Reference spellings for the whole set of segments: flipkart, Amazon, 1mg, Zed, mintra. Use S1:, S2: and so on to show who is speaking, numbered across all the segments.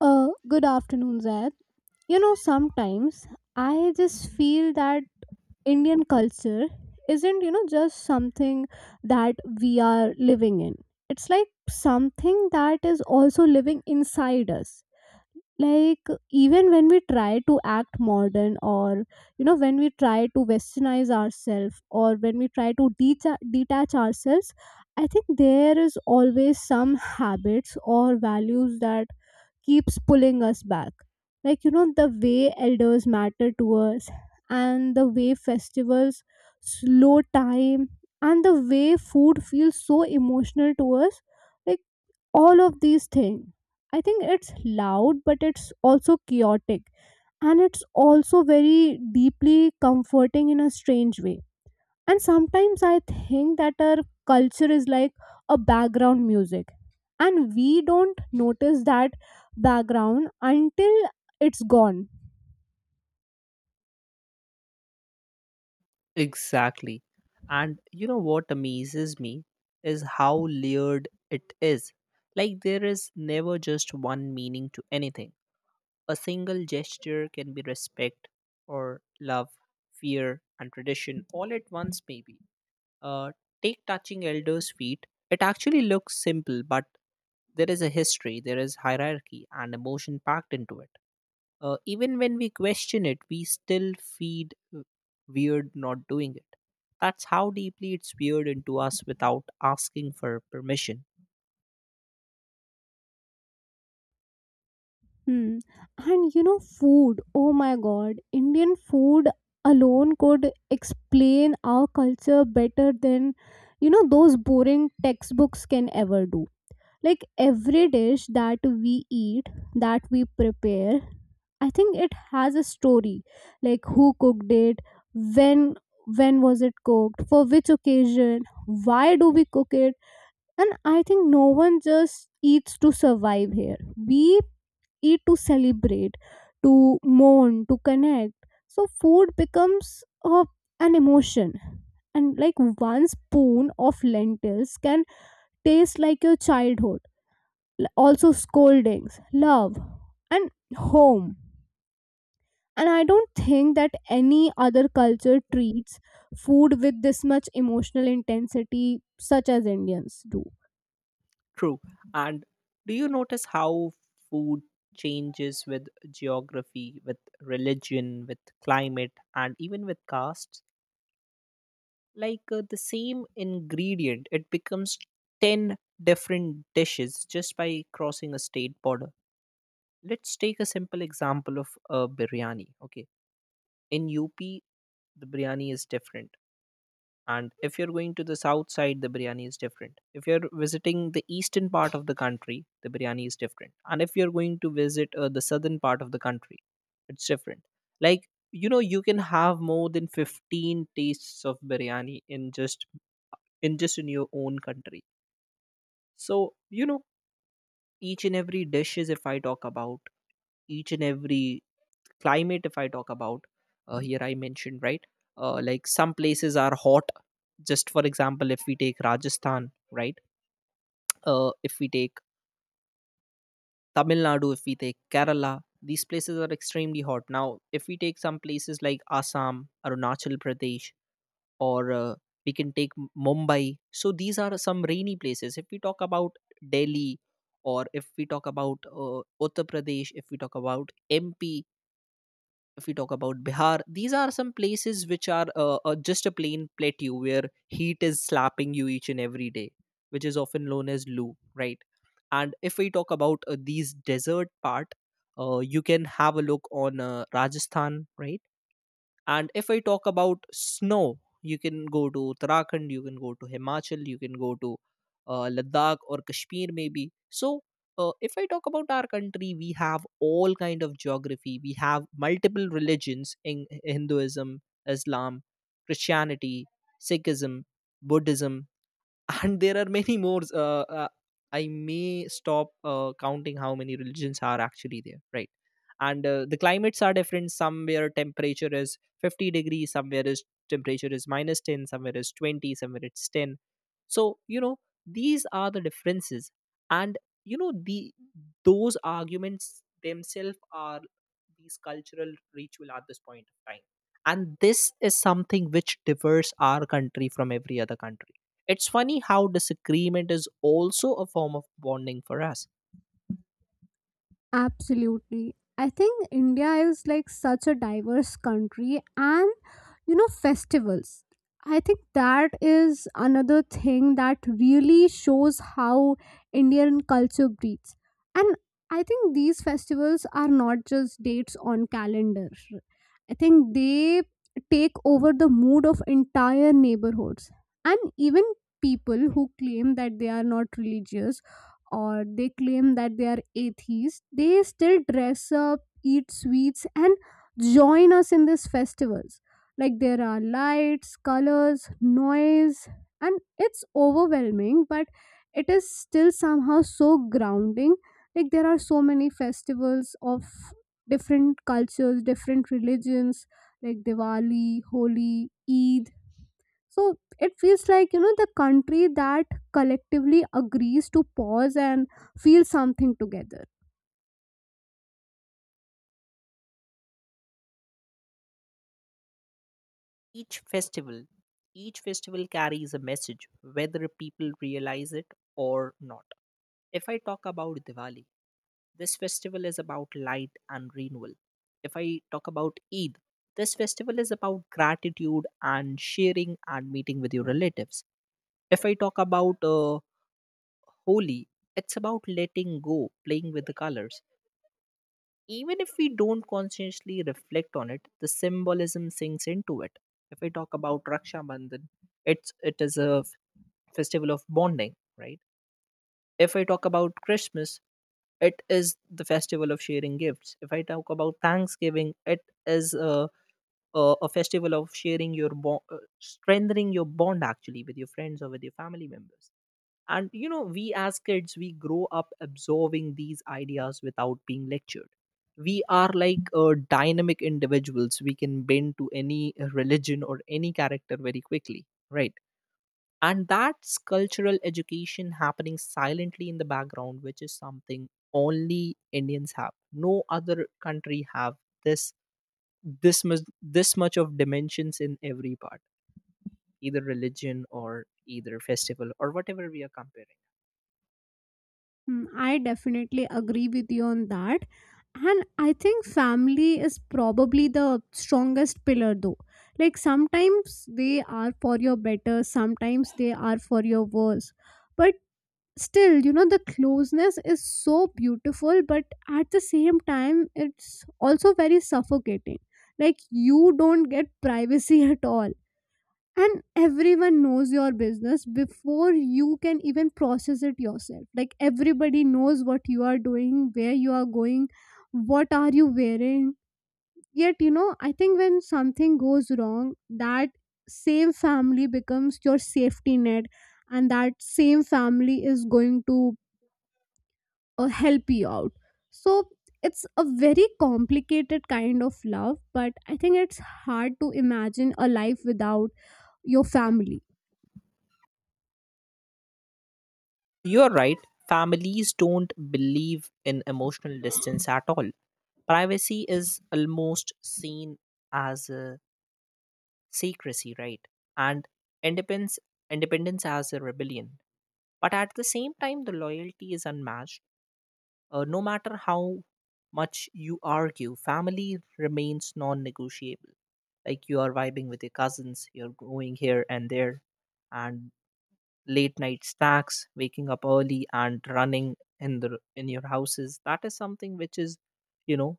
S1: Good afternoon, Zed. You know, sometimes I just feel that Indian culture isn't, you know, just something that we are living in. It's like something that is also living inside us. Like, even when we try to act modern, or, you know, when we try to westernize ourselves, or when we try to detach ourselves, I think there is always some habits or values that keeps pulling us back. Like, you know, the way elders matter to us, and the way festivals slow time, and the way food feels so emotional to us. Like, all of these things. I think it's loud, but it's also chaotic. And it's also very deeply comforting in a strange way. And sometimes I think that our culture is like a background music, and we don't notice that background until it's gone.
S2: Exactly. And you know what amazes me is how layered it is. Like there is never just one meaning to anything. A single gesture can be respect or love, fear, and tradition all at once, maybe. Uh, take touching elders' feet. It actually looks simple, but there is a history, there is hierarchy, and emotion packed into it. Even when we question it, we still feed weird not doing it. That's how deeply it's weird into us without asking for permission.
S1: Hmm. And you know, food, oh my god, Indian food alone could explain our culture better than, you know, those boring textbooks can ever do. Like every dish that we eat, that we prepare, I think it has a story. Like who cooked it, when when was it cooked, for which occasion, why do we cook it? And I think no one just eats to survive here. We eat to celebrate, to mourn, to connect. So food becomes an emotion. And like one spoon of lentils can taste like your childhood. Also scoldings, love, and home. And I don't think that any other culture treats food with this much emotional intensity such as Indians do.
S2: True. And do you notice how food changes with geography, with religion, with climate, and even with castes? Like the same ingredient, it becomes 10 different dishes just by crossing a state border. Let's take a simple example of a biryani. Okay, in UP, the biryani is different. And if you're going to the south side, the biryani is different. If you're visiting the eastern part of the country, the biryani is different. And if you're going to visit the southern part of the country, it's different. Like, you know, you can have more than 15 tastes of biryani in just in your own country. So, you know, each and every dish is, if I talk about each and every climate, if I talk about, here I mentioned, right? Like some places are hot. Just for example, if we take Rajasthan, right? If we take Tamil Nadu, if we take Kerala, these places are extremely hot. Now if we take some places like Assam, Arunachal Pradesh, or we can take Mumbai, so these are some rainy places. If we talk about Delhi, or if we talk about Uttar Pradesh, if we talk about MP, if we talk about Bihar, these are some places which are just a plain plateau where heat is slapping you each and every day, which is often known as loo, right? And if we talk about these desert part, you can have a look on Rajasthan, right? And if I talk about snow, you can go to Uttarakhand, you can go to Himachal, you can go to Ladakh or Kashmir maybe. So if I talk about our country, we have all kind of geography. We have multiple religions in Hinduism, Islam, Christianity, Sikhism, Buddhism, and there are many more. I may stop counting how many religions are actually there, right? And the climates are different. Somewhere temperature is 50 degrees, somewhere is temperature is minus 10, somewhere is 20, somewhere it's 10. So, you know, these are the differences. And, you know, the those arguments themselves are these cultural ritual at this point of time. And this is something which differs our country from every other country. It's funny how disagreement is also a form of bonding for us.
S1: Absolutely. I think India is like such a diverse country, and you know, festivals. I think that is another thing that really shows how Indian culture breathes. And I think these festivals are not just dates on calendars. I think they take over the mood of entire neighborhoods. And even people who claim that they are not religious, or they claim that they are atheists, they still dress up, eat sweets, and join us in these festivals. Like there are lights, colors, noise, and it's overwhelming, but it is still somehow so grounding. Like there are so many festivals of different cultures, different religions, like Diwali, Holi, Eid, so it feels like, you know, the country that collectively agrees to pause and feel something together.
S2: Each festival, each festival carries a message, whether people realize it or not. If I talk about Diwali, this festival is about light and renewal. If I talk about Eid, this festival is about gratitude and sharing and meeting with your relatives. If I talk about Holi, it's about letting go, playing with the colors. Even if we don't consciously reflect on it, the symbolism sinks into it. If I talk about Raksha Bandhan, it is a festival of bonding, right? If I talk about Christmas, it is the festival of sharing gifts. If I talk about Thanksgiving, it is a festival of sharing your bond, strengthening your bond actually with your friends or with your family members. And, you know, we as kids, we grow up absorbing these ideas without being lectured. We are like dynamic individuals. We can bend to any religion or any character very quickly, right? And that's cultural education happening silently in the background, which is something only Indians have. No other country have this much of dimensions in every part, either religion or either festival or whatever we are comparing.
S1: Hmm, I definitely agree with you on that. And I think family is probably the strongest pillar, though. Like sometimes they are for your better, sometimes they are for your worse. But still, you know, the closeness is so beautiful, but at the same time, it's also very suffocating. Like you don't get privacy at all, and everyone knows your business before you can even process it yourself. Like everybody knows what you are doing, where you are going, what are you wearing. Yet, you know, I think when something goes wrong, that same family becomes your safety net, and that same family is going to help you out. So it's a very complicated kind of love, but I think it's hard to imagine a life without your family.
S2: You're right. Families don't believe in emotional distance at all. Privacy is almost seen as a secrecy, right? And independence, independence as a rebellion. But at the same time, the loyalty is unmatched. No matter how much you argue, family remains non-negotiable. Like you are vibing with your cousins, you're going here and there, and late night stacks, waking up early and running in the in your houses. That is something you know,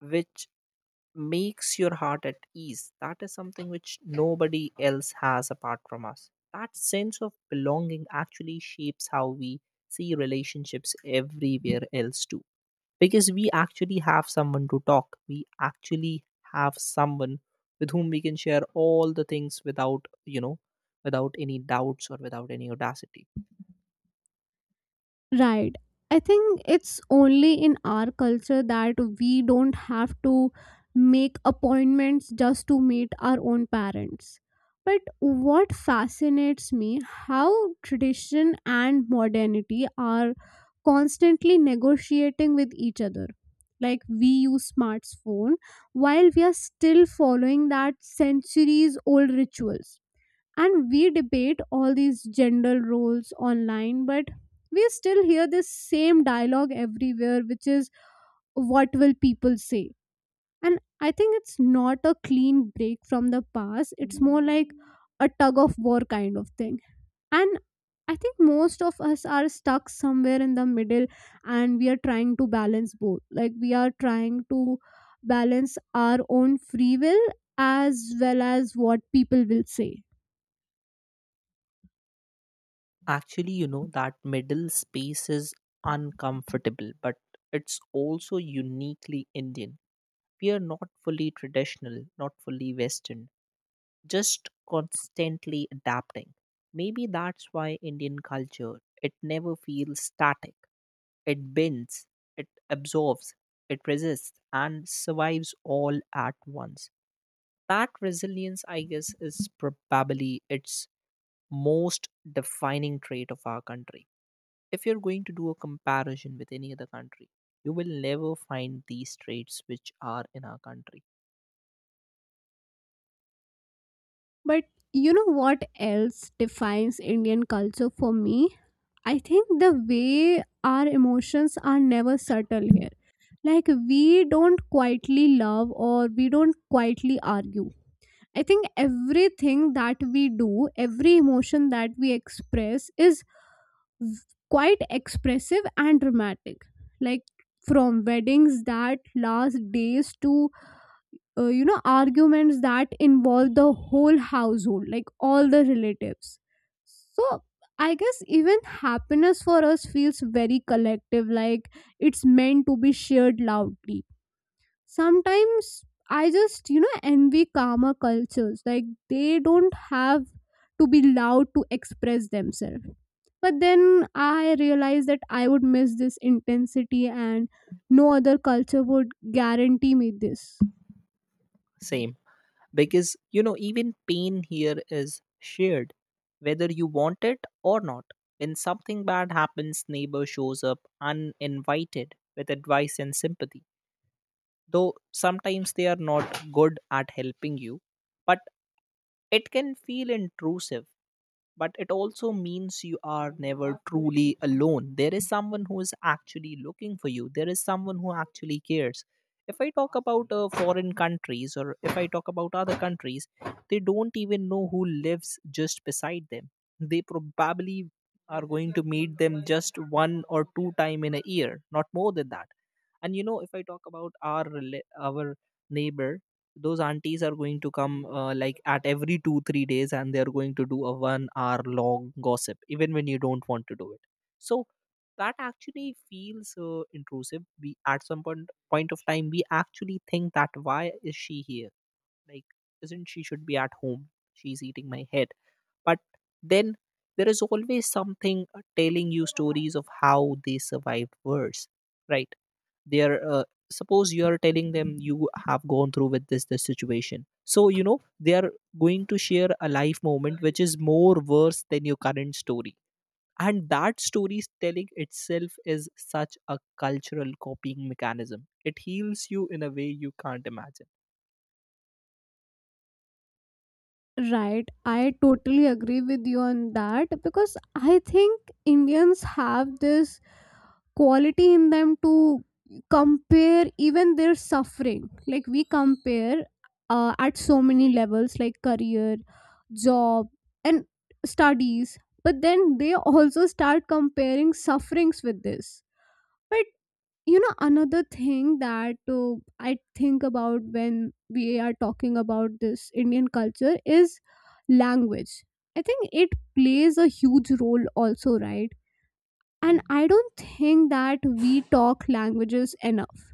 S2: which makes your heart at ease. That is something which nobody else has apart from us. That sense of belonging actually shapes how we see relationships everywhere else too, because we actually have someone to talk. We actually have someone with whom we can share all the things without, you know, without any doubts or without any audacity.
S1: Right. I think it's only in our culture that we don't have to make appointments just to meet our own parents. But what fascinates me how tradition and modernity are constantly negotiating with each other. Like we use smartphone while we are still following that centuries old rituals, and we debate all these gender roles online, but we still hear this same dialogue everywhere, which is what will people say. And I think it's not a clean break from the past, it's more like a tug of war kind of thing. And I think most of us are stuck somewhere in the middle, and we are trying to balance both. Like we are trying to balance our own free will as well as what people will say.
S2: Actually, you know, that middle space is uncomfortable, but it's also uniquely Indian. We are not fully traditional, not fully Western, just constantly adapting. Maybe that's why Indian culture, it never feels static. It bends, it absorbs, it resists and survives all at once. That resilience, I guess, is probably its most defining trait of our country. If you're going to do a comparison with any other country, you will never find these traits which are in our country.
S1: But you know what else defines Indian culture for me? I think the way our emotions are never subtle here. Like, we don't quietly love, or we don't quietly argue. I think everything that we do, every emotion that we express is v- quite expressive and dramatic. Like, from weddings that last days to, you know, arguments that involve the whole household, like all the relatives. So I guess even happiness for us feels very collective. Like it's meant to be shared loudly. Sometimes I just, you know, envy calmer cultures. Like they don't have to be loud to express themselves. But then I realized that I would miss this intensity, and no other culture would guarantee me this.
S2: Same. Because, you know, even pain here is shared, whether you want it or not. When something bad happens, neighbor shows up uninvited with advice and sympathy, though sometimes they are not good at helping you, but it can feel intrusive. But it also means you are never truly alone. There is someone who is actually looking for you, there is someone who actually cares. If I talk about foreign countries or if I talk about other countries, they don't even know who lives just beside them. They probably are going to meet them just one or two time in a year, not more than that. And, you know, if I talk about our neighbor, those aunties are going to come, like at every 2 3 days, and they are going to do a 1 hour long gossip even when you don't want to do it. So that actually feels intrusive. We at some point of time, we actually think that why is she here, like isn't she should be at home, she's eating my head. But then there is always something telling you stories of how they survived worse, right? They are, suppose you are telling them you have gone through with this situation, so, you know, they are going to share a life moment which is more worse than your current story. And that story telling itself is such a cultural copying mechanism. It heals you in a way you can't imagine.
S1: Right, I totally agree with you on that, because I think Indians have this quality in them to compare even their suffering. Like, we compare at so many levels, like career, job, and studies, but then they also start comparing sufferings with this. But you know, another thing that I think about when we are talking about this Indian culture is language. I think it plays a huge role also, right? And I don't think that we talk languages enough.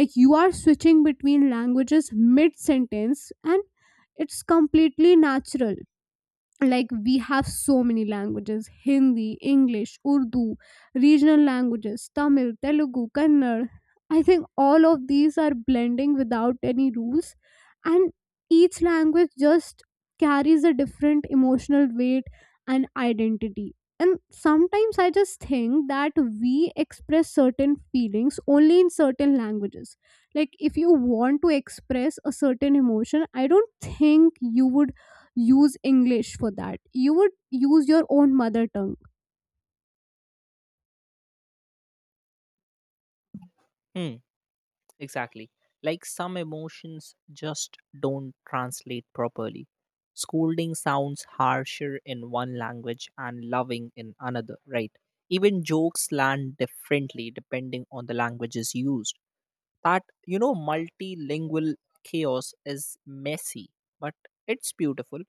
S1: Like you are switching between languages mid sentence, and it's completely natural. Like we have so many languages, Hindi, English, Urdu, regional languages, Tamil, Telugu, Kannada. I think all of these are blending without any rules. And each language just carries a different emotional weight and identity. And sometimes I just think that we express certain feelings only in certain languages. Like if you want to express a certain emotion, I don't think you would use English for that. You would use your own mother tongue.
S2: Hmm. Exactly. Like some emotions just don't translate properly. Scolding sounds harsher in one language and loving in another, right? Even jokes land differently depending on the languages used. That, you know, multilingual chaos is messy, but it's beautiful.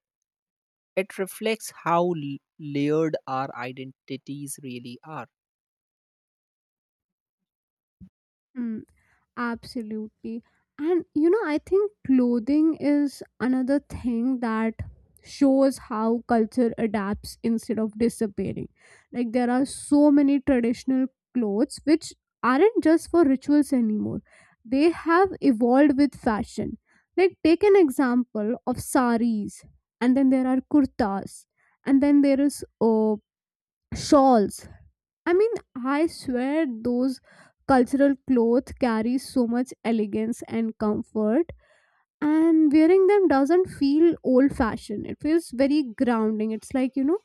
S2: It reflects how layered our identities really are.
S1: Hmm. Absolutely. And you know, I think clothing is another thing that shows how culture adapts instead of disappearing. Like, there are so many traditional clothes which aren't just for rituals anymore, they have evolved with fashion. Like, take an example of saris, and then there are kurtas, and then there is shawls. I mean, I swear those cultural clothes carry so much elegance and comfort, and wearing them doesn't feel old fashioned. It feels very grounding. It's like, you know,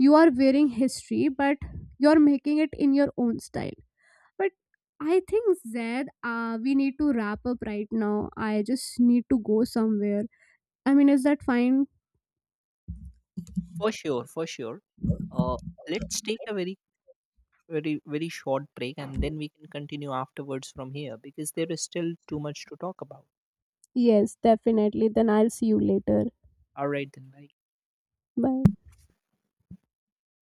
S1: you are wearing history, but you're making it in your own style. But I think, Zed, we need to wrap up right now. I just need to go somewhere. I mean, is that fine?
S2: For sure, for sure. Uh, let's take a very, very, very short break and then we can continue afterwards from here because there is still too much to talk about.
S1: Yes, definitely. Then I'll see you later.
S2: All right, then, bye.
S1: Bye.